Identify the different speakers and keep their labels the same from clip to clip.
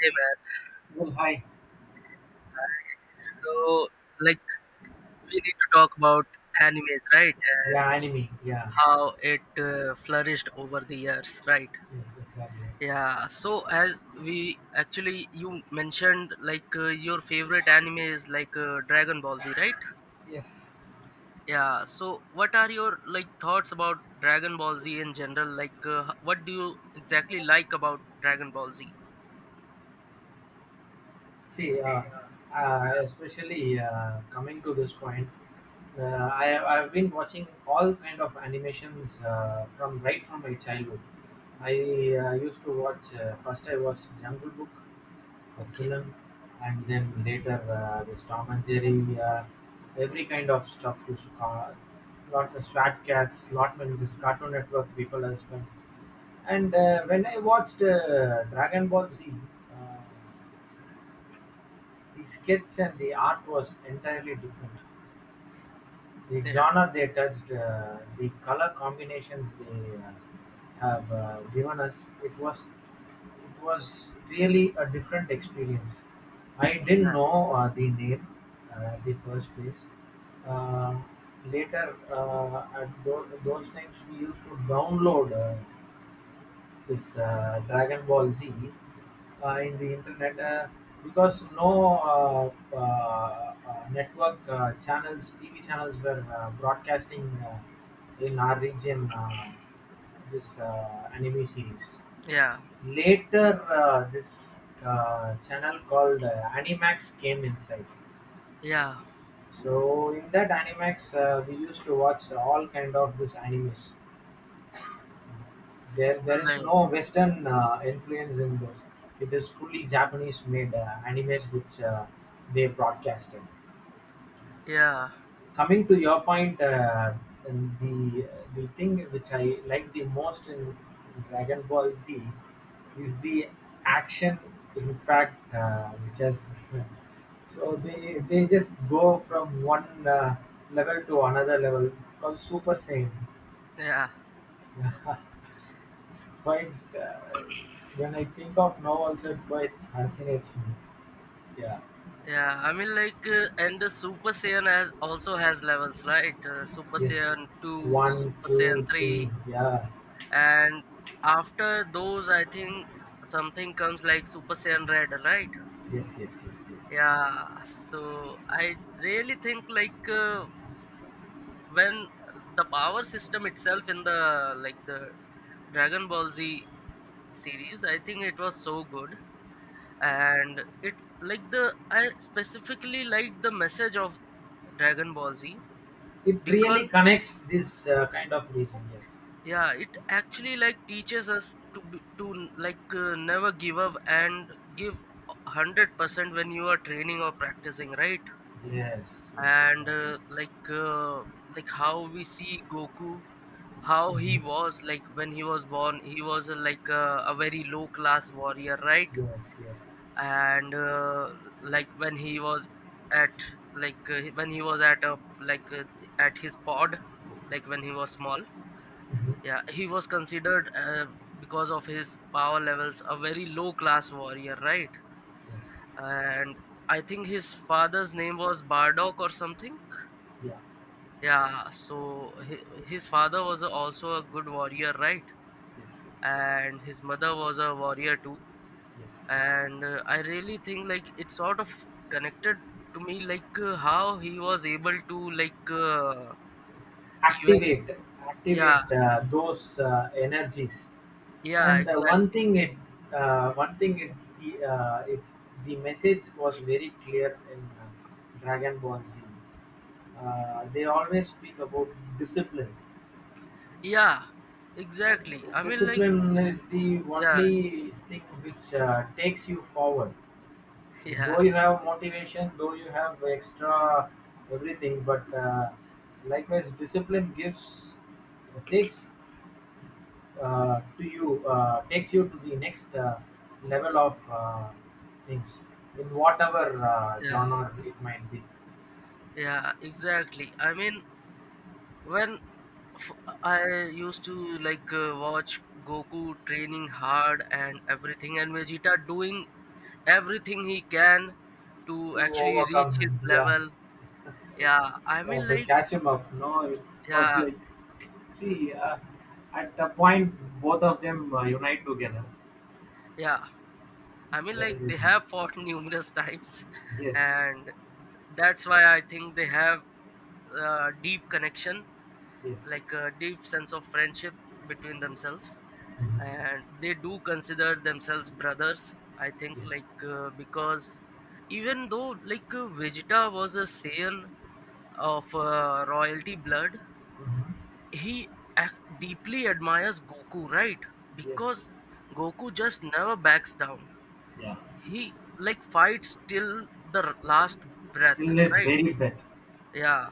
Speaker 1: Hey man,
Speaker 2: Well, hi.
Speaker 1: so like we need to talk about animes, right? And
Speaker 2: Yeah, anime. Yeah,
Speaker 1: how it flourished over the years, right?
Speaker 2: yes, exactly.
Speaker 1: Yeah. So as we actually you mentioned like your favorite anime is like Dragon Ball Z, right?
Speaker 2: Yes.
Speaker 1: Yeah. So what are your like thoughts about Dragon Ball Z in general? Like what do you exactly like about Dragon Ball Z?
Speaker 2: See, uh, Especially coming to this point, I've been watching all kind of animations from right from my childhood. I used to watch, first I watched Jungle Book, a
Speaker 1: Okay.
Speaker 2: film, and then later, this Tom and Jerry, every kind of stuff used to call lot of Swat Cats, Lotman, this Cartoon Network people as well. And when I watched Dragon Ball Z, uh, the skits and the art was entirely different, the
Speaker 1: Yeah.
Speaker 2: genre they touched, the color combinations they have given us, it was really a different experience. I didn't
Speaker 1: Yeah.
Speaker 2: know the name, the first place. Uh, Later, at those times, we used to download this Dragon Ball Z in the internet, because no, uh, uh, network channels, TV channels were broadcasting in our region this anime series.
Speaker 1: Yeah.
Speaker 2: Later, this channel called Animax came inside.
Speaker 1: Yeah.
Speaker 2: So in that Animax, we used to watch all kind of this animes, there is
Speaker 1: Like,
Speaker 2: no Western influence in this. It is fully Japanese-made animes which they broadcasted.
Speaker 1: yeah.
Speaker 2: Coming to your point, and the thing which I like the most in Dragon Ball Z is the action impact which has so they just go from one level to another level. It's called Super Saiyan.
Speaker 1: Yeah.
Speaker 2: It's quite, uh, when I think of now also it quite fascinates me. Yeah.
Speaker 1: Yeah, I mean like, and the Super Saiyan has also has levels, right? Super
Speaker 2: Yes.
Speaker 1: Saiyan two,
Speaker 2: One,
Speaker 1: Super Saiyan
Speaker 2: two, three.
Speaker 1: three,
Speaker 2: Yeah.
Speaker 1: and after those, I think something comes like Super Saiyan Red, right?
Speaker 2: Yes, yes, yes, yes, yes.
Speaker 1: Yeah. So I really think like when the power system itself in the like the Dragon Ball Z series, I think it was so good and it like the I specifically like the message of Dragon Ball Z
Speaker 2: It
Speaker 1: because
Speaker 2: really connects this kind of region. Yes.
Speaker 1: yeah it actually like teaches us to be, to like never give up and give 100% when you are training or practicing, right?
Speaker 2: Yes, yes,
Speaker 1: And
Speaker 2: exactly.
Speaker 1: like how we see Goku, how he
Speaker 2: Mm-hmm.
Speaker 1: was like when he was born he was a very low class warrior, right?
Speaker 2: Yes, yes.
Speaker 1: And like when he was at like when he was at a like at his pod, like when he was small,
Speaker 2: Mm-hmm.
Speaker 1: yeah, he was considered because of his power levels a very low class warrior, right?
Speaker 2: Yes.
Speaker 1: And I think his father's name was Bardock or something.
Speaker 2: Yeah.
Speaker 1: Yeah, so his father was also a good warrior, right?
Speaker 2: Yes.
Speaker 1: And his mother was a warrior too.
Speaker 2: Yes.
Speaker 1: And I really think like it sort of connected to me like how he was able to like even
Speaker 2: Activate,
Speaker 1: yeah
Speaker 2: activate those energies.
Speaker 1: yeah
Speaker 2: And
Speaker 1: exactly
Speaker 2: one thing it the, it's the message was very clear in Dragon Ball Z. They always speak about discipline.
Speaker 1: yeah exactly I mean like
Speaker 2: Discipline is the
Speaker 1: yeah
Speaker 2: only thing which takes you forward. Though
Speaker 1: yeah
Speaker 2: you have motivation, though you have extra everything, but likewise discipline gives takes to you takes you to the next level of things in whatever
Speaker 1: yeah
Speaker 2: genre it might be.
Speaker 1: yeah exactly I mean when f- I used to like watch Goku training hard and everything and Vegeta doing everything he can to
Speaker 2: To
Speaker 1: actually
Speaker 2: overcome
Speaker 1: reach his
Speaker 2: him, yeah,
Speaker 1: level. Yeah, I
Speaker 2: yeah,
Speaker 1: mean
Speaker 2: to
Speaker 1: like
Speaker 2: catch him up. No, it was
Speaker 1: yeah.
Speaker 2: like, see, at a point both of them unite together.
Speaker 1: Yeah, I mean,
Speaker 2: That
Speaker 1: like
Speaker 2: is it.
Speaker 1: they have fought numerous times,
Speaker 2: Yes.
Speaker 1: and that's why I think they have a deep connection,
Speaker 2: Yes.
Speaker 1: like a deep sense of friendship between themselves,
Speaker 2: Mhm.
Speaker 1: and they do consider themselves brothers. I think,
Speaker 2: Yes.
Speaker 1: like because even though like Vegeta was a Saiyan of royalty blood,
Speaker 2: Mhm.
Speaker 1: he ac- deeply admires Goku, right?
Speaker 2: Yes.
Speaker 1: Because Goku just never backs down,
Speaker 2: Yeah.
Speaker 1: he like fights till the last breath,
Speaker 2: Till his
Speaker 1: right?
Speaker 2: very breath.
Speaker 1: Yeah.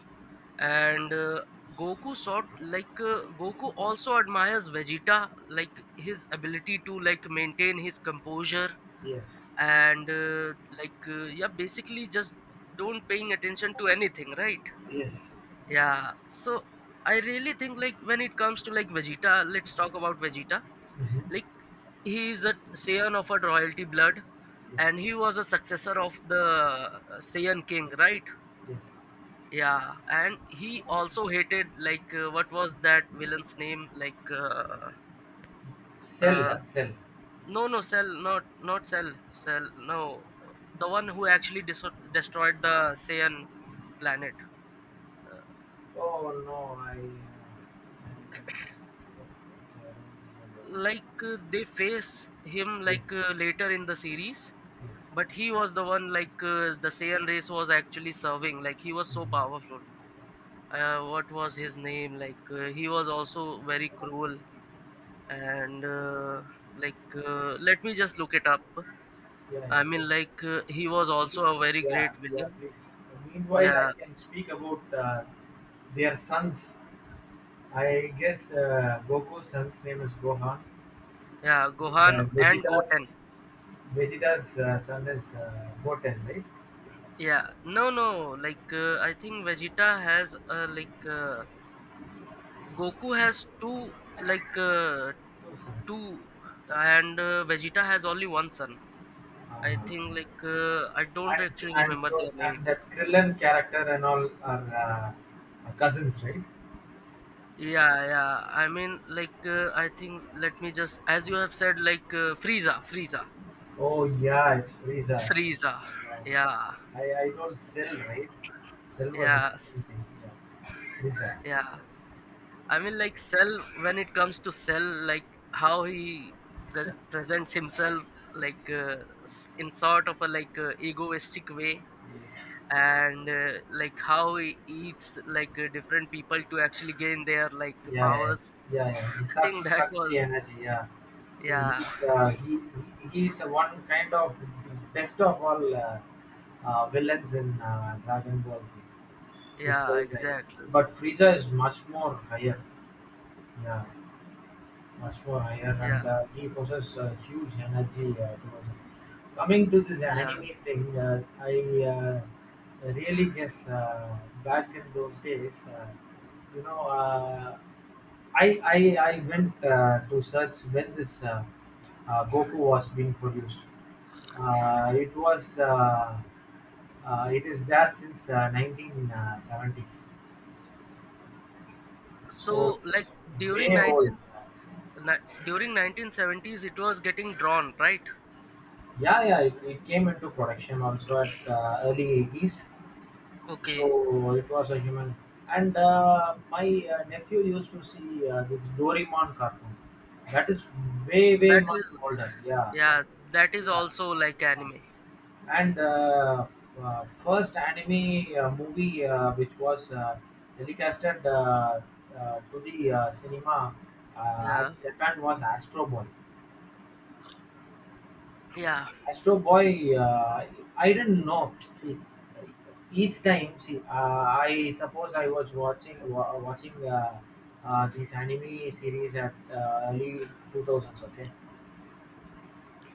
Speaker 1: And Goku also admires Vegeta like his ability to like maintain his composure
Speaker 2: Yes.
Speaker 1: and yeah basically just don't paying attention to anything, right?
Speaker 2: Yes.
Speaker 1: Yeah. So I really think like when it comes to like Vegeta, let's talk about Vegeta.
Speaker 2: Mhm.
Speaker 1: Like he is a scion of a royalty blood and
Speaker 2: Yes.
Speaker 1: he was a successor of the Saiyan king, right?
Speaker 2: Yes.
Speaker 1: Yeah. And he also hated like what was that villain's name like
Speaker 2: cell
Speaker 1: uh,
Speaker 2: uh, cell
Speaker 1: no cell, not cell, cell, no, the one who actually destroyed the Saiyan planet.
Speaker 2: Oh no, I. Okay, I don't
Speaker 1: Like
Speaker 2: remember.
Speaker 1: they face him
Speaker 2: Yes,
Speaker 1: like later in the series, but
Speaker 2: yes.
Speaker 1: he was the one like the Saiyan race was actually serving. Like he was so
Speaker 2: Mhm.
Speaker 1: powerful. What was his name? Like he was also very cruel. And like let me just look it up.
Speaker 2: Yeah, yeah.
Speaker 1: I
Speaker 2: Please.
Speaker 1: mean like he was also a very great
Speaker 2: Yeah, yeah.
Speaker 1: villain.
Speaker 2: Please. Meanwhile, I
Speaker 1: Yeah.
Speaker 2: can speak about their sons. I guess Goku's son's name is Gohan.
Speaker 1: Yeah,
Speaker 2: And
Speaker 1: Gohan
Speaker 2: uh,
Speaker 1: and Goten.
Speaker 2: Vegeta's Vegeta's uh, son is Goten, right?
Speaker 1: Yeah, no no, like I think Vegeta has a like Goku has two, like
Speaker 2: Two sons.
Speaker 1: two, and Vegeta has only one son. I
Speaker 2: Uh,
Speaker 1: think like I don't
Speaker 2: and
Speaker 1: actually
Speaker 2: and
Speaker 1: remember
Speaker 2: those,
Speaker 1: their
Speaker 2: and
Speaker 1: name.
Speaker 2: that Krillin character and all are cousins, right?
Speaker 1: Yeah, yeah. I mean like I think let me just, as you have said, like Frieza,
Speaker 2: Oh yeah, it's Frieza.
Speaker 1: Frieza.
Speaker 2: Yeah,
Speaker 1: Yeah,
Speaker 2: I don't, sell right. Cell was a
Speaker 1: yes,
Speaker 2: anything. Yeah, Frieza.
Speaker 1: yeah. I mean like Cell, when it comes to Cell, like how he presents himself like in sort of a like egoistic way,
Speaker 2: Yes.
Speaker 1: and like how he eats like different people to actually gain their like
Speaker 2: Yeah, yeah,
Speaker 1: powers.
Speaker 2: yeah, yeah. He
Speaker 1: I think
Speaker 2: sucks
Speaker 1: that
Speaker 2: sucks the
Speaker 1: was
Speaker 2: energy. Yeah, he,
Speaker 1: yeah
Speaker 2: he's uh, he he is one kind of best of all villains in Dragon Ball Z. This
Speaker 1: yeah
Speaker 2: guy.
Speaker 1: exactly.
Speaker 2: But Frieza is much more higher. Yeah, much more higher, and
Speaker 1: Yeah
Speaker 2: he possesses huge energy towards it. Coming to this
Speaker 1: yeah.
Speaker 2: anime thing, I really guess, back in those days, you know, uh, I went to search when this, Goku was being produced. Uh, it was uh, it is there since 1970s,
Speaker 1: So
Speaker 2: so
Speaker 1: like
Speaker 2: it's
Speaker 1: during
Speaker 2: way old.
Speaker 1: 19 during 1970s it was getting drawn, right?
Speaker 2: Yeah, yeah, it came into production also at early 80s.
Speaker 1: Okay,
Speaker 2: So it was a human. And my nephew used to see this Doraemon cartoon. That is way, way
Speaker 1: that
Speaker 2: much
Speaker 1: is
Speaker 2: older. Yeah.
Speaker 1: yeah, that is
Speaker 2: Yeah.
Speaker 1: also like anime.
Speaker 2: Yeah. And first anime movie which was telecasted to the cinema at
Speaker 1: Yeah
Speaker 2: Japan was Astro Boy.
Speaker 1: yeah.
Speaker 2: Astro Boy, I didn't know. See, each time, see, I suppose I was watching, this anime series at early 2000s. Okay,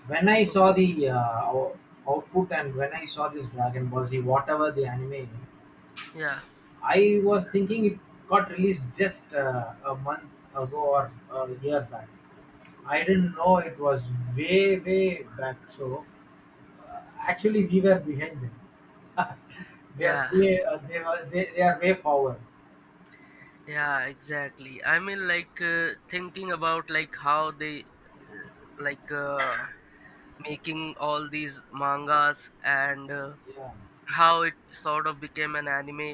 Speaker 2: when I
Speaker 1: Okay.
Speaker 2: saw the output, and when I saw this Dragon Ball Z, whatever the anime,
Speaker 1: Yeah
Speaker 2: I was thinking it got released just a month ago or a year back. I didn't know it was way, way back. So actually, we were behind them. They are
Speaker 1: yeah
Speaker 2: way, they are way forward.
Speaker 1: yeah exactly. I mean like thinking about like how they like making all these mangas and
Speaker 2: Yeah,
Speaker 1: how it sort of became an anime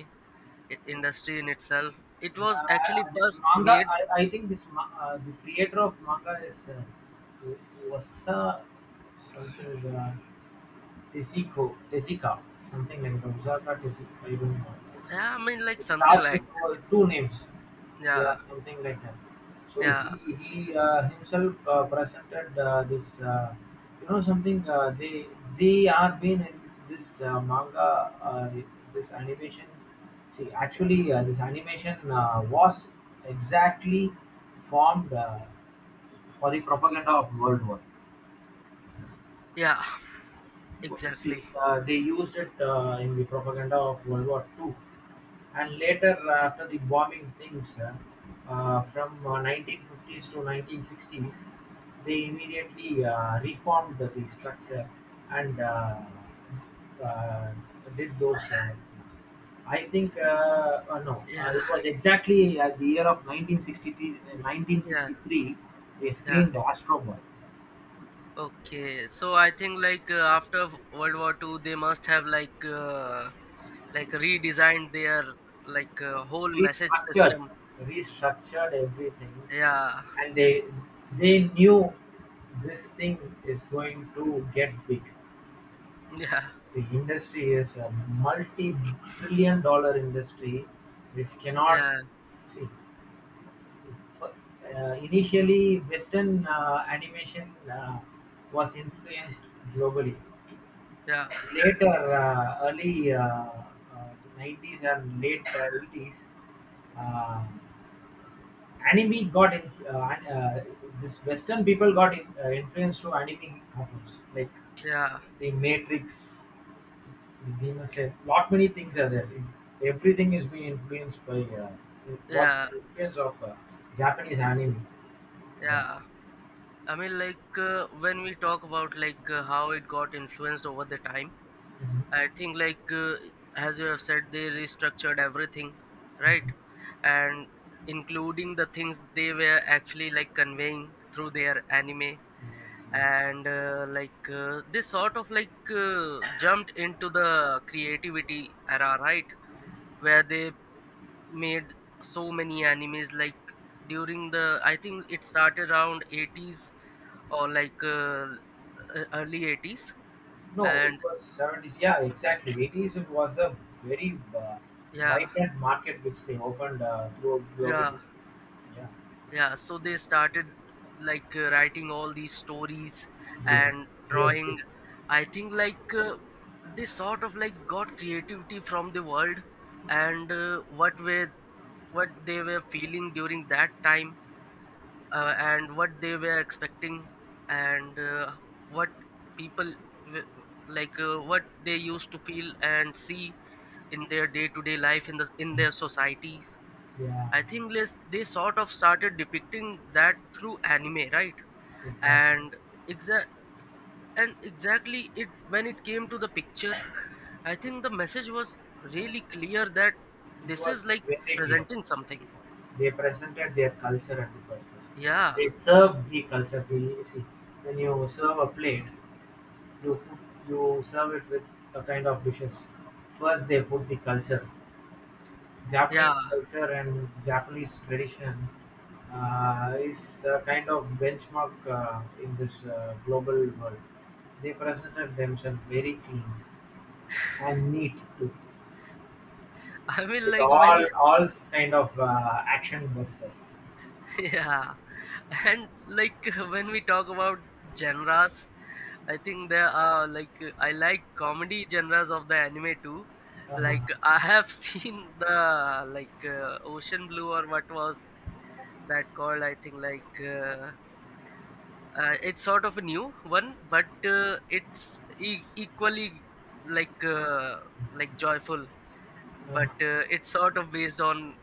Speaker 1: industry in itself, it
Speaker 2: yeah.
Speaker 1: was actually
Speaker 2: This
Speaker 1: first
Speaker 2: manga,
Speaker 1: made
Speaker 2: I think this the creator of manga is Wasa something. Tessico "Tessica", something like Gonzaga Tessica, I don't know.
Speaker 1: yeah, I mean like
Speaker 2: It
Speaker 1: something
Speaker 2: starts with
Speaker 1: like
Speaker 2: two names.
Speaker 1: that.
Speaker 2: Yeah,
Speaker 1: Yeah
Speaker 2: something like that. So
Speaker 1: yeah
Speaker 2: he himself presented this. You know something? They are been in this manga, uh, this animation. See, actually, this animation was exactly formed for the propaganda of World War.
Speaker 1: yeah
Speaker 2: See,
Speaker 1: exactly
Speaker 2: they used it in the propaganda of World War Two, and later after the bombing things, from 1950s to 1960s, they immediately reformed the structure, and uh, did those I think no,
Speaker 1: yeah
Speaker 2: it was exactly the year of 1963.
Speaker 1: yeah
Speaker 2: 1963 they
Speaker 1: yeah.
Speaker 2: screened Astro Boy.
Speaker 1: Okay, so I think like after World War Two, they must have like redesigned their like whole message
Speaker 2: Restructured,
Speaker 1: system.
Speaker 2: restructured everything,
Speaker 1: Yeah
Speaker 2: and they knew this thing is going to get big.
Speaker 1: yeah
Speaker 2: The industry is a multi-trillion-dollar industry, which cannot
Speaker 1: yeah
Speaker 2: see. Initially, Western animation uh, was influenced globally.
Speaker 1: yeah
Speaker 2: Later, early, uh, 90s and late 80s. Uh, Anime got in, this Western people got in, influenced through anime cartoons like
Speaker 1: yeah
Speaker 2: the Matrix, the Demon Slayer. Lot many things are there. Everything is being influenced by, it was
Speaker 1: yeah
Speaker 2: influence of Japanese anime. Yeah.
Speaker 1: yeah. I mean, like when we talk about like how it got influenced over the time, I
Speaker 2: Mhm.
Speaker 1: think like as you have said, they restructured everything, right? And including the things they were actually like conveying through their anime,
Speaker 2: Yes, yes.
Speaker 1: and they sort of like jumped into the creativity era, right? Where they made so many animes like during the I think it started around 80s or like early 80s
Speaker 2: No, it
Speaker 1: and
Speaker 2: was 70s. Yeah, exactly. 80s it was a very
Speaker 1: yeah
Speaker 2: vibrant market which they opened throughout globally.
Speaker 1: yeah
Speaker 2: Yeah.
Speaker 1: yeah. So they started like writing all these stories
Speaker 2: Yes.
Speaker 1: and
Speaker 2: Yes.
Speaker 1: drawing.
Speaker 2: It,
Speaker 1: I think like they sort of like got creativity from the world and what were what they were feeling during that time and what they were expecting and what people w- like what they used to feel and see in their day-to-day life in the in their societies.
Speaker 2: yeah.
Speaker 1: I think they sort of started depicting that through anime, right?
Speaker 2: Exactly.
Speaker 1: And exa- and exactly it when it came to the picture, I think the message was really clear that
Speaker 2: It
Speaker 1: this
Speaker 2: was
Speaker 1: is like
Speaker 2: very clear.
Speaker 1: presenting something.
Speaker 2: They presented their culture at the first place.
Speaker 1: Yeah
Speaker 2: They served the culture. They, see, when you serve a plate, you put, you serve it with a kind of dishes. First, they put the culture.
Speaker 1: yeah.
Speaker 2: Japanese culture and Japanese tradition is a kind of benchmark in this global world. They presented themselves very clean and neat too,
Speaker 1: I mean
Speaker 2: with
Speaker 1: like
Speaker 2: all
Speaker 1: when
Speaker 2: all kind of action busters.
Speaker 1: yeah. And like when we talk about genres, I think there are like I like comedy genres of the anime too.
Speaker 2: Uh-huh,
Speaker 1: Like I have seen the like Ocean Blue, or what was that called? I think like it's sort of a new one, but it's equally like uh, like joyful. But
Speaker 2: uh-huh.
Speaker 1: it's sort of based on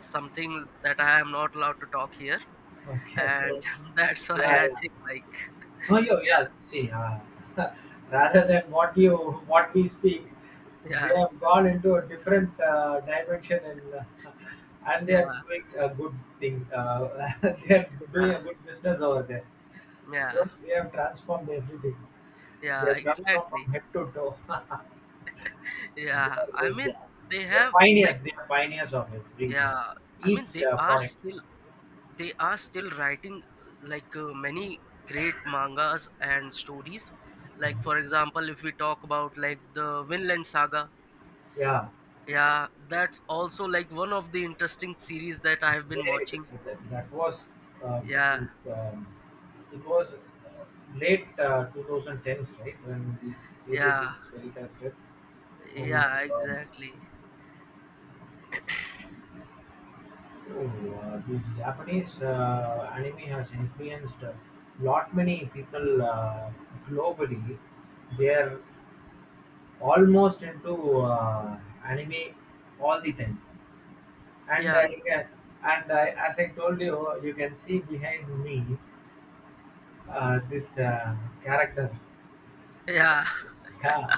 Speaker 1: something that I am not allowed to talk here.
Speaker 2: Okay, okay.
Speaker 1: And that's why
Speaker 2: Yeah,
Speaker 1: I
Speaker 2: yeah.
Speaker 1: think like
Speaker 2: No, you, yeah. See, rather than what you, what we speak, they
Speaker 1: yeah,
Speaker 2: have gone into a different dimension, and and they
Speaker 1: yeah,
Speaker 2: are
Speaker 1: yeah,
Speaker 2: doing a good thing. They are doing
Speaker 1: yeah,
Speaker 2: a good business over there.
Speaker 1: yeah,
Speaker 2: So they have transformed everything. They
Speaker 1: yeah,
Speaker 2: have transformed from
Speaker 1: exactly.
Speaker 2: head to toe. They
Speaker 1: Yeah. I
Speaker 2: are,
Speaker 1: mean
Speaker 2: yeah.
Speaker 1: they
Speaker 2: They are
Speaker 1: have like
Speaker 2: pioneers. They are pioneers of every
Speaker 1: yeah, I mean
Speaker 2: each
Speaker 1: they are
Speaker 2: product.
Speaker 1: still, they are still writing like many great mangas and stories. Like for example, if we talk about like the Vinland Saga,
Speaker 2: Yeah.
Speaker 1: yeah, that's also like one of the interesting series that I have been
Speaker 2: Very good.
Speaker 1: watching.
Speaker 2: That was um,
Speaker 1: Yeah,
Speaker 2: um, it was late 2010s, right? When this series
Speaker 1: yeah,
Speaker 2: was telecasted. Oh my
Speaker 1: yeah,
Speaker 2: God!
Speaker 1: exactly.
Speaker 2: Oh, this Japanese anime has influenced a lot many people globally. They are almost into anime all the time, and
Speaker 1: Yeah,
Speaker 2: yeah, and I, as I told you, you can see behind me this character.
Speaker 1: yeah.
Speaker 2: Yeah,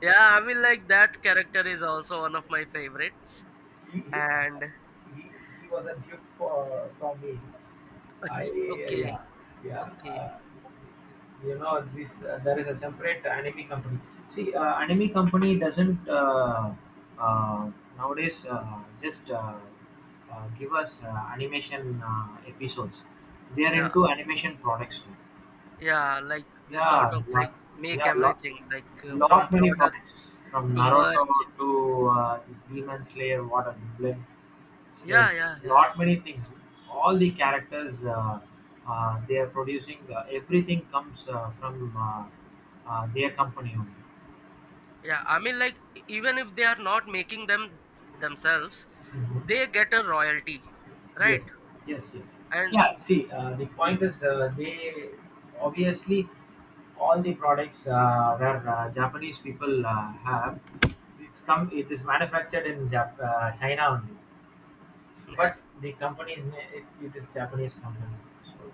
Speaker 1: Yeah, I mean, like that character is also one of my favorites.
Speaker 2: he he,
Speaker 1: And
Speaker 2: he, he was a gift for me. I,
Speaker 1: okay,
Speaker 2: yeah, yeah.
Speaker 1: okay,
Speaker 2: You know this, there is a separate anime company. See, anime company doesn't, uh, nowadays just give us animation episodes. They are
Speaker 1: yeah,
Speaker 2: into animation products too.
Speaker 1: yeah, like this sort
Speaker 2: Yeah,
Speaker 1: of like make
Speaker 2: yeah, lot,
Speaker 1: everything like from
Speaker 2: lot many
Speaker 1: products
Speaker 2: products from
Speaker 1: to
Speaker 2: Naruto
Speaker 1: merch.
Speaker 2: to this Demon Slayer, what a Blade
Speaker 1: Yeah,
Speaker 2: Slayer,
Speaker 1: yeah, yeah,
Speaker 2: lot many things. All the characters, they are producing, everything comes from their company only.
Speaker 1: yeah. I mean, like even if they are not making them themselves,
Speaker 2: Mhm.
Speaker 1: they get a royalty, right?
Speaker 2: Yes, yes, yes.
Speaker 1: And
Speaker 2: Yeah, see, the point is, they obviously all the products where Japanese people have, it's come, it is manufactured in China only, but the it, it is Japanese company. So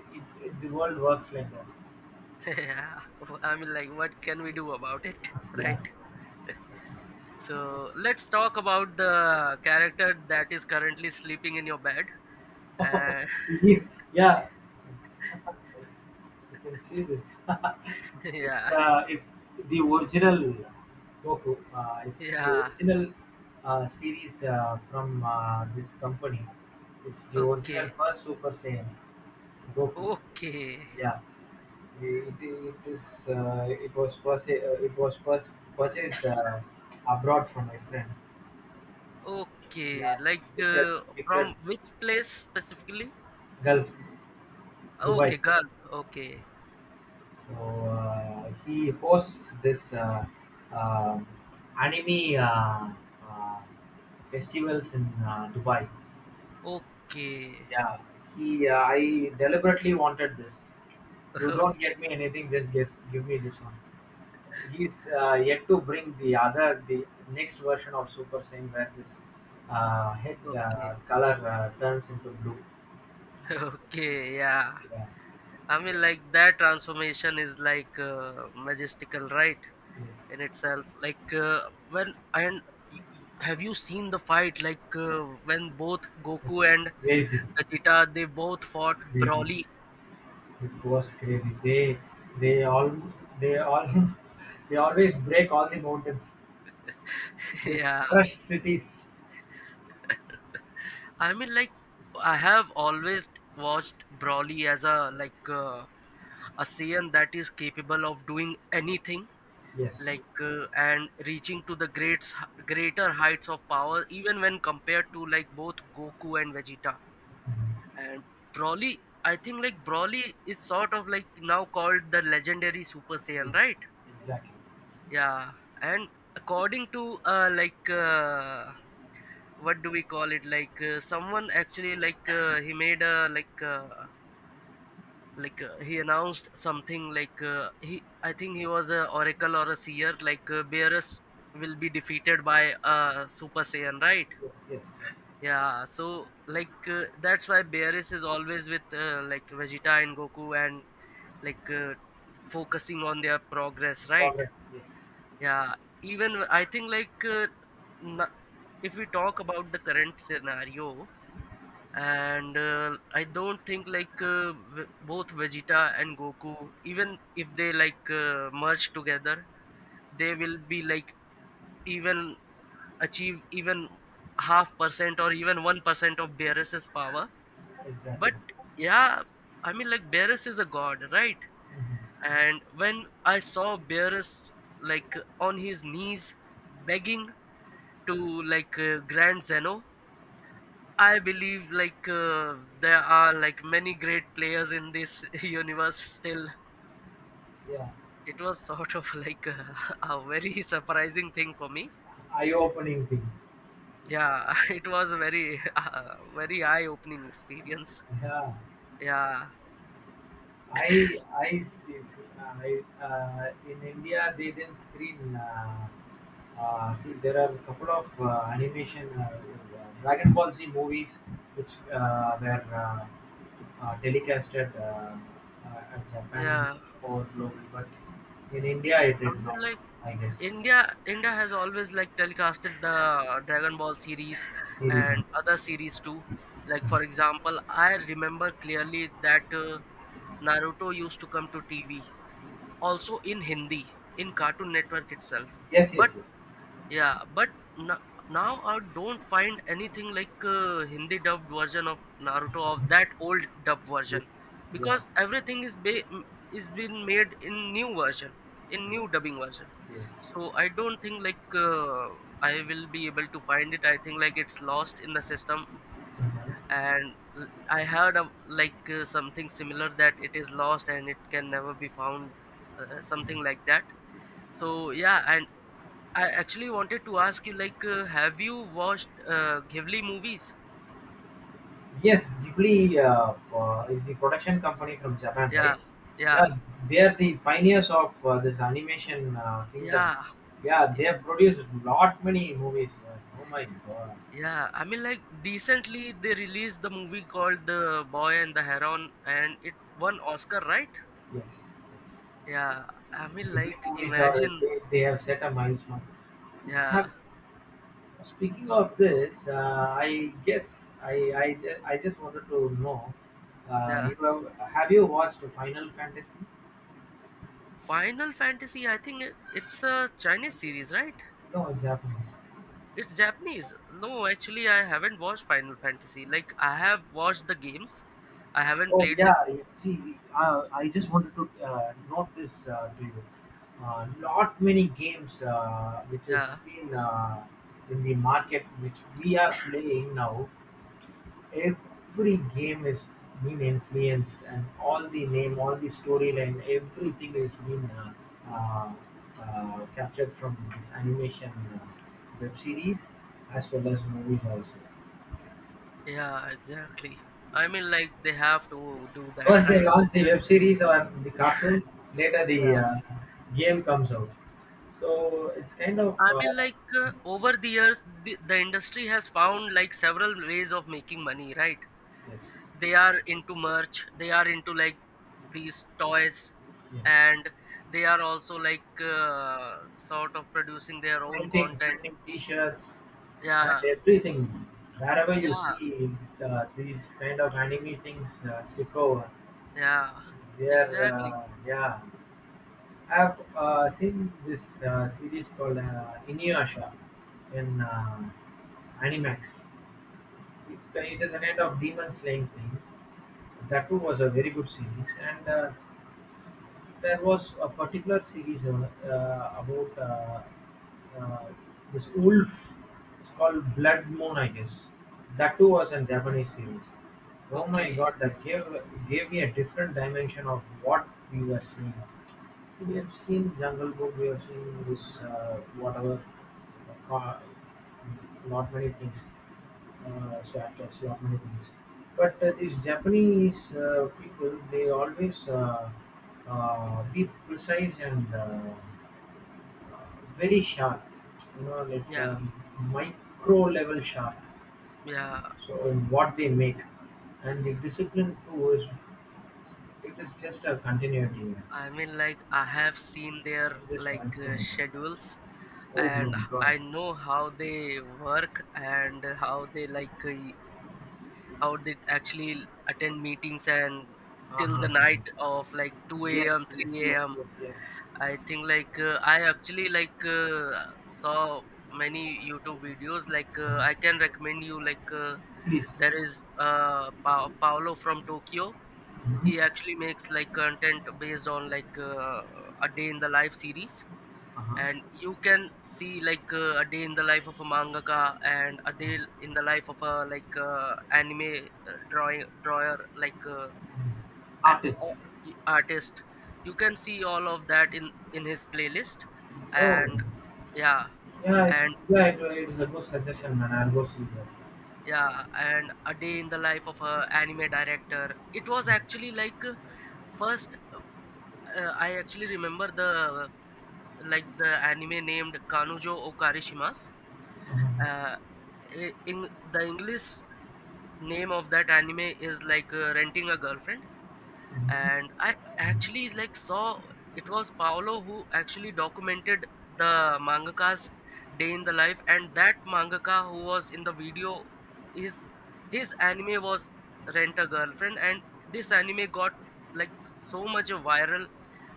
Speaker 2: the world works like that.
Speaker 1: yeah, I mean, like what can we do about it,
Speaker 2: Yeah,
Speaker 1: right? So let's talk about the character that is currently sleeping in your bed. Uh,
Speaker 2: yes, yeah. You can see this,
Speaker 1: yeah,
Speaker 2: it's the original Goku. It's the
Speaker 1: yeah.
Speaker 2: original series from this company. It's the original
Speaker 1: Okay,
Speaker 2: first Super Saiyan Goku.
Speaker 1: okay,
Speaker 2: Yeah, it is. It was purchased. It was first purchased abroad from my friend.
Speaker 1: okay.
Speaker 2: Yeah,
Speaker 1: Like
Speaker 2: gifted, gifted.
Speaker 1: from which place specifically?
Speaker 2: Gulf.
Speaker 1: Okay,
Speaker 2: Dubai.
Speaker 1: girl. Okay,
Speaker 2: So he hosts this, um anime uh, uh, festivals in Dubai.
Speaker 1: okay,
Speaker 2: Yeah, he. I deliberately wanted this. You don't
Speaker 1: okay,
Speaker 2: get me anything. Just get give me this one. He's yet to bring the other, the next version of Super Saiyan where this head
Speaker 1: okay,
Speaker 2: color turns into blue.
Speaker 1: okay. Yeah.
Speaker 2: Yeah,
Speaker 1: I
Speaker 2: yeah.
Speaker 1: mean, like that transformation is like majestical, right?
Speaker 2: Yes,
Speaker 1: In itself, like when and have you seen the fight? Like when both Goku
Speaker 2: it's
Speaker 1: and
Speaker 2: crazy,
Speaker 1: Vegeta, they both fought
Speaker 2: crazy.
Speaker 1: Broly.
Speaker 2: It was crazy. They all they all they always break all the mountains. They
Speaker 1: Yeah,
Speaker 2: crush cities.
Speaker 1: I mean, like I have always watched Broly as a like a Saiyan that is capable of doing anything,
Speaker 2: Yes.
Speaker 1: like and reaching to the greats greater heights of power even when compared to like both Goku and Vegeta.
Speaker 2: Mhm.
Speaker 1: And Broly, I think like Broly is sort of like now called the Legendary Super
Speaker 2: Yes.
Speaker 1: Saiyan, right?
Speaker 2: Exactly.
Speaker 1: Yeah. And according to what do we call it, like someone actually like he made a like he announced something like he I think he was a oracle or a seer, like Beerus will be defeated by Super Saiyan, right?
Speaker 2: Yes. Yes. Yes.
Speaker 1: Yeah. So like that's why Beerus is always with like Vegeta and Goku and like focusing on their progress, right?
Speaker 2: Progress. Yes.
Speaker 1: Yeah. Even I think like na- if we talk about the current scenario, and I don't think like both Vegeta and Goku, even if they like merge together, they will be like even achieve even half percent or even 1% of Beerus's power. But
Speaker 2: Exactly.
Speaker 1: yeah, I mean like Beerus is a god, right?
Speaker 2: Mhm.
Speaker 1: And when I saw Beerus like on his knees begging to like Grand Zeno, I believe like there are like many great players in this universe still.
Speaker 2: Yeah.
Speaker 1: It was sort of like a, a very surprising thing for me.
Speaker 2: Eye-opening thing.
Speaker 1: Yeah, it was a very very eye-opening experience.
Speaker 2: Yeah.
Speaker 1: Yeah,
Speaker 2: I see, I in India they didn't screen. See, there are a couple of animation Dragon Ball Z movies which were telecasted at Japan and
Speaker 1: yeah.
Speaker 2: all global, but in India it
Speaker 1: I
Speaker 2: did
Speaker 1: mean,
Speaker 2: not.
Speaker 1: like,
Speaker 2: I guess
Speaker 1: India has always, like, telecasted the Dragon Ball series
Speaker 2: series.
Speaker 1: and other series too. Like, for example, I remember clearly that Naruto used to come to TV also in Hindi, in Cartoon Network itself.
Speaker 2: Yes, yes,
Speaker 1: But
Speaker 2: yes,
Speaker 1: yeah, but n- now I don't find anything like Hindi dubbed version of Naruto, of that old dub
Speaker 2: yes,
Speaker 1: version,
Speaker 2: yeah,
Speaker 1: because everything is been made in new version, in new
Speaker 2: yes,
Speaker 1: dubbing version.
Speaker 2: yes.
Speaker 1: So I don't think like, I will be able to find it. I think, like, it's lost in the system,
Speaker 2: uh
Speaker 1: and I heard of, like, something similar, that it is lost and it can never be found, something like that. So yeah, and I actually wanted to ask you, like, have you watched Ghibli movies?
Speaker 2: Yes, Ghibli is the production company from Japan,
Speaker 1: Yeah,
Speaker 2: right?
Speaker 1: yeah,
Speaker 2: Yeah, they are the pioneers of this animation kingdom.
Speaker 1: yeah,
Speaker 2: Yeah, they
Speaker 1: yeah,
Speaker 2: have produced lot many movies. Oh my god!
Speaker 1: yeah. I mean, like, recently they released the movie called The Boy and the Heron, and it won Oscar, right?
Speaker 2: Yes, yes.
Speaker 1: Yeah, I mean,
Speaker 2: Ghibli
Speaker 1: like,
Speaker 2: movies are
Speaker 1: imagine.
Speaker 2: they have set a milestone.
Speaker 1: Yeah,
Speaker 2: Have speaking of this, I guess I just wanted to know.
Speaker 1: yeah.
Speaker 2: You have you watched Final Fantasy?
Speaker 1: Final Fantasy, I think it's a Chinese series, right?
Speaker 2: No, Japanese.
Speaker 1: It's Japanese. No, actually, I haven't watched Final Fantasy. Like, I have watched the games. I haven't
Speaker 2: Oh
Speaker 1: played the
Speaker 2: yeah,
Speaker 1: game.
Speaker 2: yeah. See, I just wanted to note this to you. Not many games which has
Speaker 1: Yeah,
Speaker 2: been in the market which we are playing now. Every game is been influenced, and all the name, all the storyline, everything is been uh, captured from this animation web series as well as movies also.
Speaker 1: yeah, exactly. I mean, like, they have to do that,
Speaker 2: First, they
Speaker 1: right?
Speaker 2: launch the web series or the cartoon. Later, the
Speaker 1: Yeah.
Speaker 2: game comes out. So it's kind of
Speaker 1: I mean, like, over the years, the industry has found, like, several ways of making money, right?
Speaker 2: yes,
Speaker 1: They are into merch, they are into, like, these toys,
Speaker 2: yes,
Speaker 1: and they are also, like, sort of producing their own
Speaker 2: printing,
Speaker 1: content.
Speaker 2: printing T-shirts and
Speaker 1: Yeah,
Speaker 2: everything. Wherever you
Speaker 1: yeah,
Speaker 2: see these kind of anime things stick over,
Speaker 1: yeah,
Speaker 2: they're
Speaker 1: exactly.
Speaker 2: yeah. I've seen this series called Inuyasha in Animax. It is a kind of demon slaying thing. That too was a very good series, and there was a particular series about uh, this wolf. It's called Blood Moon, I guess. That too was a Japanese series. Oh my
Speaker 1: Okay.
Speaker 2: God, that gave me a different dimension of what we were seeing. See, we have seen Jungle Book, we have seen this whatever, uh, not many things so I many things. But these Japanese people, they always be precise and uh, very sharp. You know,
Speaker 1: Yeah,
Speaker 2: micro level sharp.
Speaker 1: yeah.
Speaker 2: So in what they make, and the discipline too is it is just a continuity.
Speaker 1: I mean, like, I have seen their,
Speaker 2: I'm just
Speaker 1: like,
Speaker 2: fascinated.
Speaker 1: schedules,
Speaker 2: Oh
Speaker 1: and
Speaker 2: my
Speaker 1: I
Speaker 2: God.
Speaker 1: know how they work, and how they how they actually attend meetings and till the
Speaker 2: Uh-huh.
Speaker 1: night of, like, 2
Speaker 2: Yes,
Speaker 1: a.m,
Speaker 2: yes,
Speaker 1: 3
Speaker 2: yes,
Speaker 1: a.m.
Speaker 2: yes, yes.
Speaker 1: I think, like, I actually, like, saw many YouTube videos. Like, I can recommend you, like,
Speaker 2: Please.
Speaker 1: there is Paolo from Tokyo.
Speaker 2: Mhm.
Speaker 1: He actually makes, like, content based on, like, a day in the life series,
Speaker 2: Uh-huh.
Speaker 1: and you can see, like, a day in the life of a mangaka, and a day in the life of a, like, anime drawing drawer,
Speaker 2: Artist.
Speaker 1: artist. You can see all of that in his playlist.
Speaker 2: Oh.
Speaker 1: And yeah.
Speaker 2: Yeah, I-
Speaker 1: And
Speaker 2: yeah, it's a good suggestion, man. I'll go see that.
Speaker 1: yeah, and a day in the life of a anime director. It was actually like first, I actually remember, the like, the anime named Kanujo Okarishimas, uh, in the English name of that anime is, like, Renting a Girlfriend.
Speaker 2: Mm-hmm.
Speaker 1: And I actually, like, saw, it was Paolo who actually documented the mangaka's day in the life. And that mangaka who was in the video, his his anime was Rent a Girlfriend. And this anime got, like, so much viral,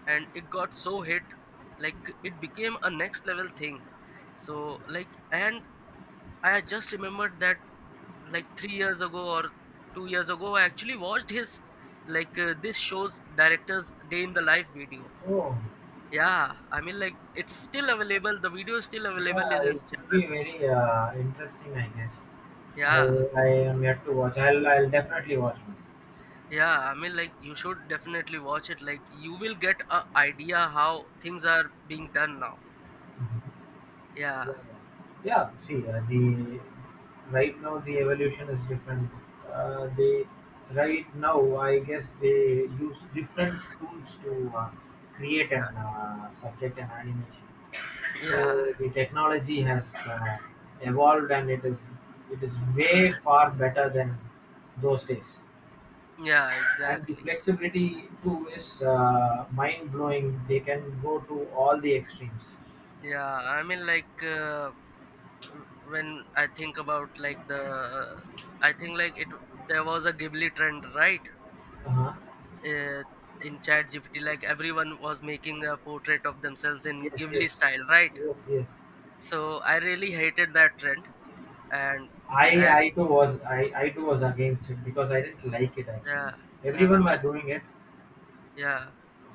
Speaker 1: and it got so hit, like, it became a next level thing. So, like, and I just remembered that, like, 3 years ago or 2 years ago, I actually watched his, like, this show's director's day in the life video.
Speaker 2: Oh,
Speaker 1: Yeah, I mean, like, it's still available, the video is still available
Speaker 2: yeah,
Speaker 1: in
Speaker 2: it
Speaker 1: his
Speaker 2: should be
Speaker 1: channel.
Speaker 2: very interesting, I guess. I
Speaker 1: Yeah.
Speaker 2: I am yet to watch. I'll definitely watch.
Speaker 1: Yeah, I mean, like, you should definitely watch it, like, you will get a idea how things are being done now.
Speaker 2: Mhm.
Speaker 1: Yeah.
Speaker 2: Yeah, yeah. Yeah, see, the right now the evolution is different. They Right now, I guess they use different tools to create an
Speaker 1: Yeah,
Speaker 2: subject and animation.
Speaker 1: yeah.
Speaker 2: So the technology has evolved, and it is way far better than those days.
Speaker 1: Yeah,
Speaker 2: And the
Speaker 1: exactly.
Speaker 2: flexibility too is mind blowing. They can go to all the extremes.
Speaker 1: Yeah, I mean, like, when I think about, like, the, I think, like, it, there was a Ghibli trend, right?
Speaker 2: Uh-huh.
Speaker 1: uh, in chat gpt like, everyone was making a portrait of themselves in
Speaker 2: Yes,
Speaker 1: Ghibli
Speaker 2: yes,
Speaker 1: style, right?
Speaker 2: yes, yes.
Speaker 1: So I really hated that trend. And I,
Speaker 2: I too was against it because I didn't like it actually.
Speaker 1: yeah. Yeah, I
Speaker 2: Everyone were
Speaker 1: mean.
Speaker 2: doing it.
Speaker 1: Yeah,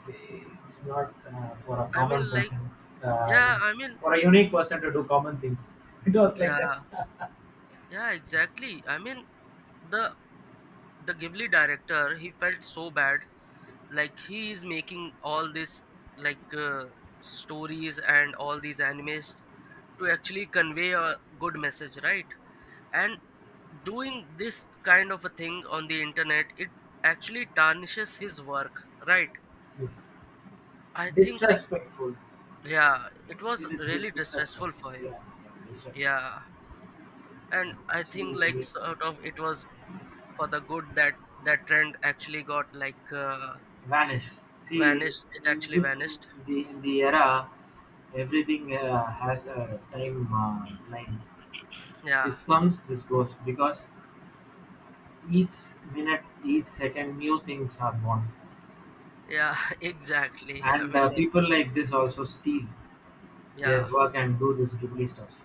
Speaker 2: It's not for a
Speaker 1: I mean,
Speaker 2: common
Speaker 1: like.
Speaker 2: person, uh,
Speaker 1: Yeah, I mean.
Speaker 2: for a unique person to do common things. It was like that.
Speaker 1: Yeah, yeah, exactly. I mean, the the Ghibli director, he felt so bad, like, he is making all this, like, stories and all these animes to actually convey a good message, right? And doing this kind of a thing on the internet, it actually tarnishes his work, right?
Speaker 2: It's
Speaker 1: I think, like,
Speaker 2: disrespectful.
Speaker 1: yeah, it was
Speaker 2: It is
Speaker 1: really
Speaker 2: disrespectful.
Speaker 1: distressful for
Speaker 2: Yeah,
Speaker 1: him.
Speaker 2: yeah, disrespectful.
Speaker 1: Yeah. And I think, like,
Speaker 2: She
Speaker 1: sort of it was for the good that that trend actually got, like,
Speaker 2: vanished. See,
Speaker 1: vanished. It
Speaker 2: in
Speaker 1: actually
Speaker 2: this
Speaker 1: vanished.
Speaker 2: in the era, everything has a time line. This
Speaker 1: Yeah.
Speaker 2: comes, this goes, because each minute, each second, new things are born,
Speaker 1: Yeah, exactly, I
Speaker 2: and
Speaker 1: mean, like.
Speaker 2: people like this also steal their
Speaker 1: Yeah,
Speaker 2: work and do this ghibli stuffs.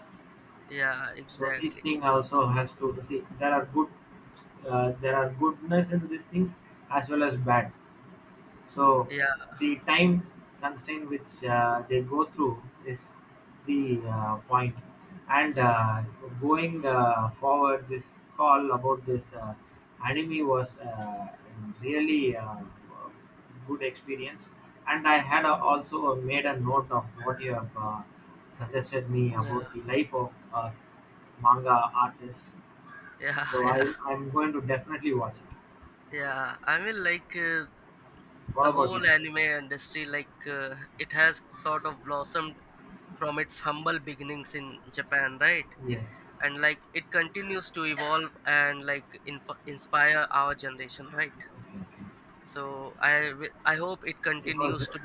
Speaker 1: yeah,
Speaker 2: So these
Speaker 1: exactly.
Speaker 2: thing also has to see there are good there are goodness in these things as well as bad so
Speaker 1: Yeah.
Speaker 2: the time constraint which they go through is the point. And going forward, this call about this anime was really good experience. And I had also made a note of what you have suggested me
Speaker 1: Yeah,
Speaker 2: about the life of a manga artist.
Speaker 1: yeah,
Speaker 2: So
Speaker 1: yeah.
Speaker 2: I'm going to definitely watch it.
Speaker 1: Yeah, I mean, like,
Speaker 2: What
Speaker 1: the
Speaker 2: about
Speaker 1: whole
Speaker 2: you?
Speaker 1: anime industry, like, it has sort of blossomed from its humble beginnings in Japan, right?
Speaker 2: Yes,
Speaker 1: And, like, it continues to evolve and, like, inspire our generation, right?
Speaker 2: exactly.
Speaker 1: So I I hope it
Speaker 2: It
Speaker 1: continues
Speaker 2: was
Speaker 1: to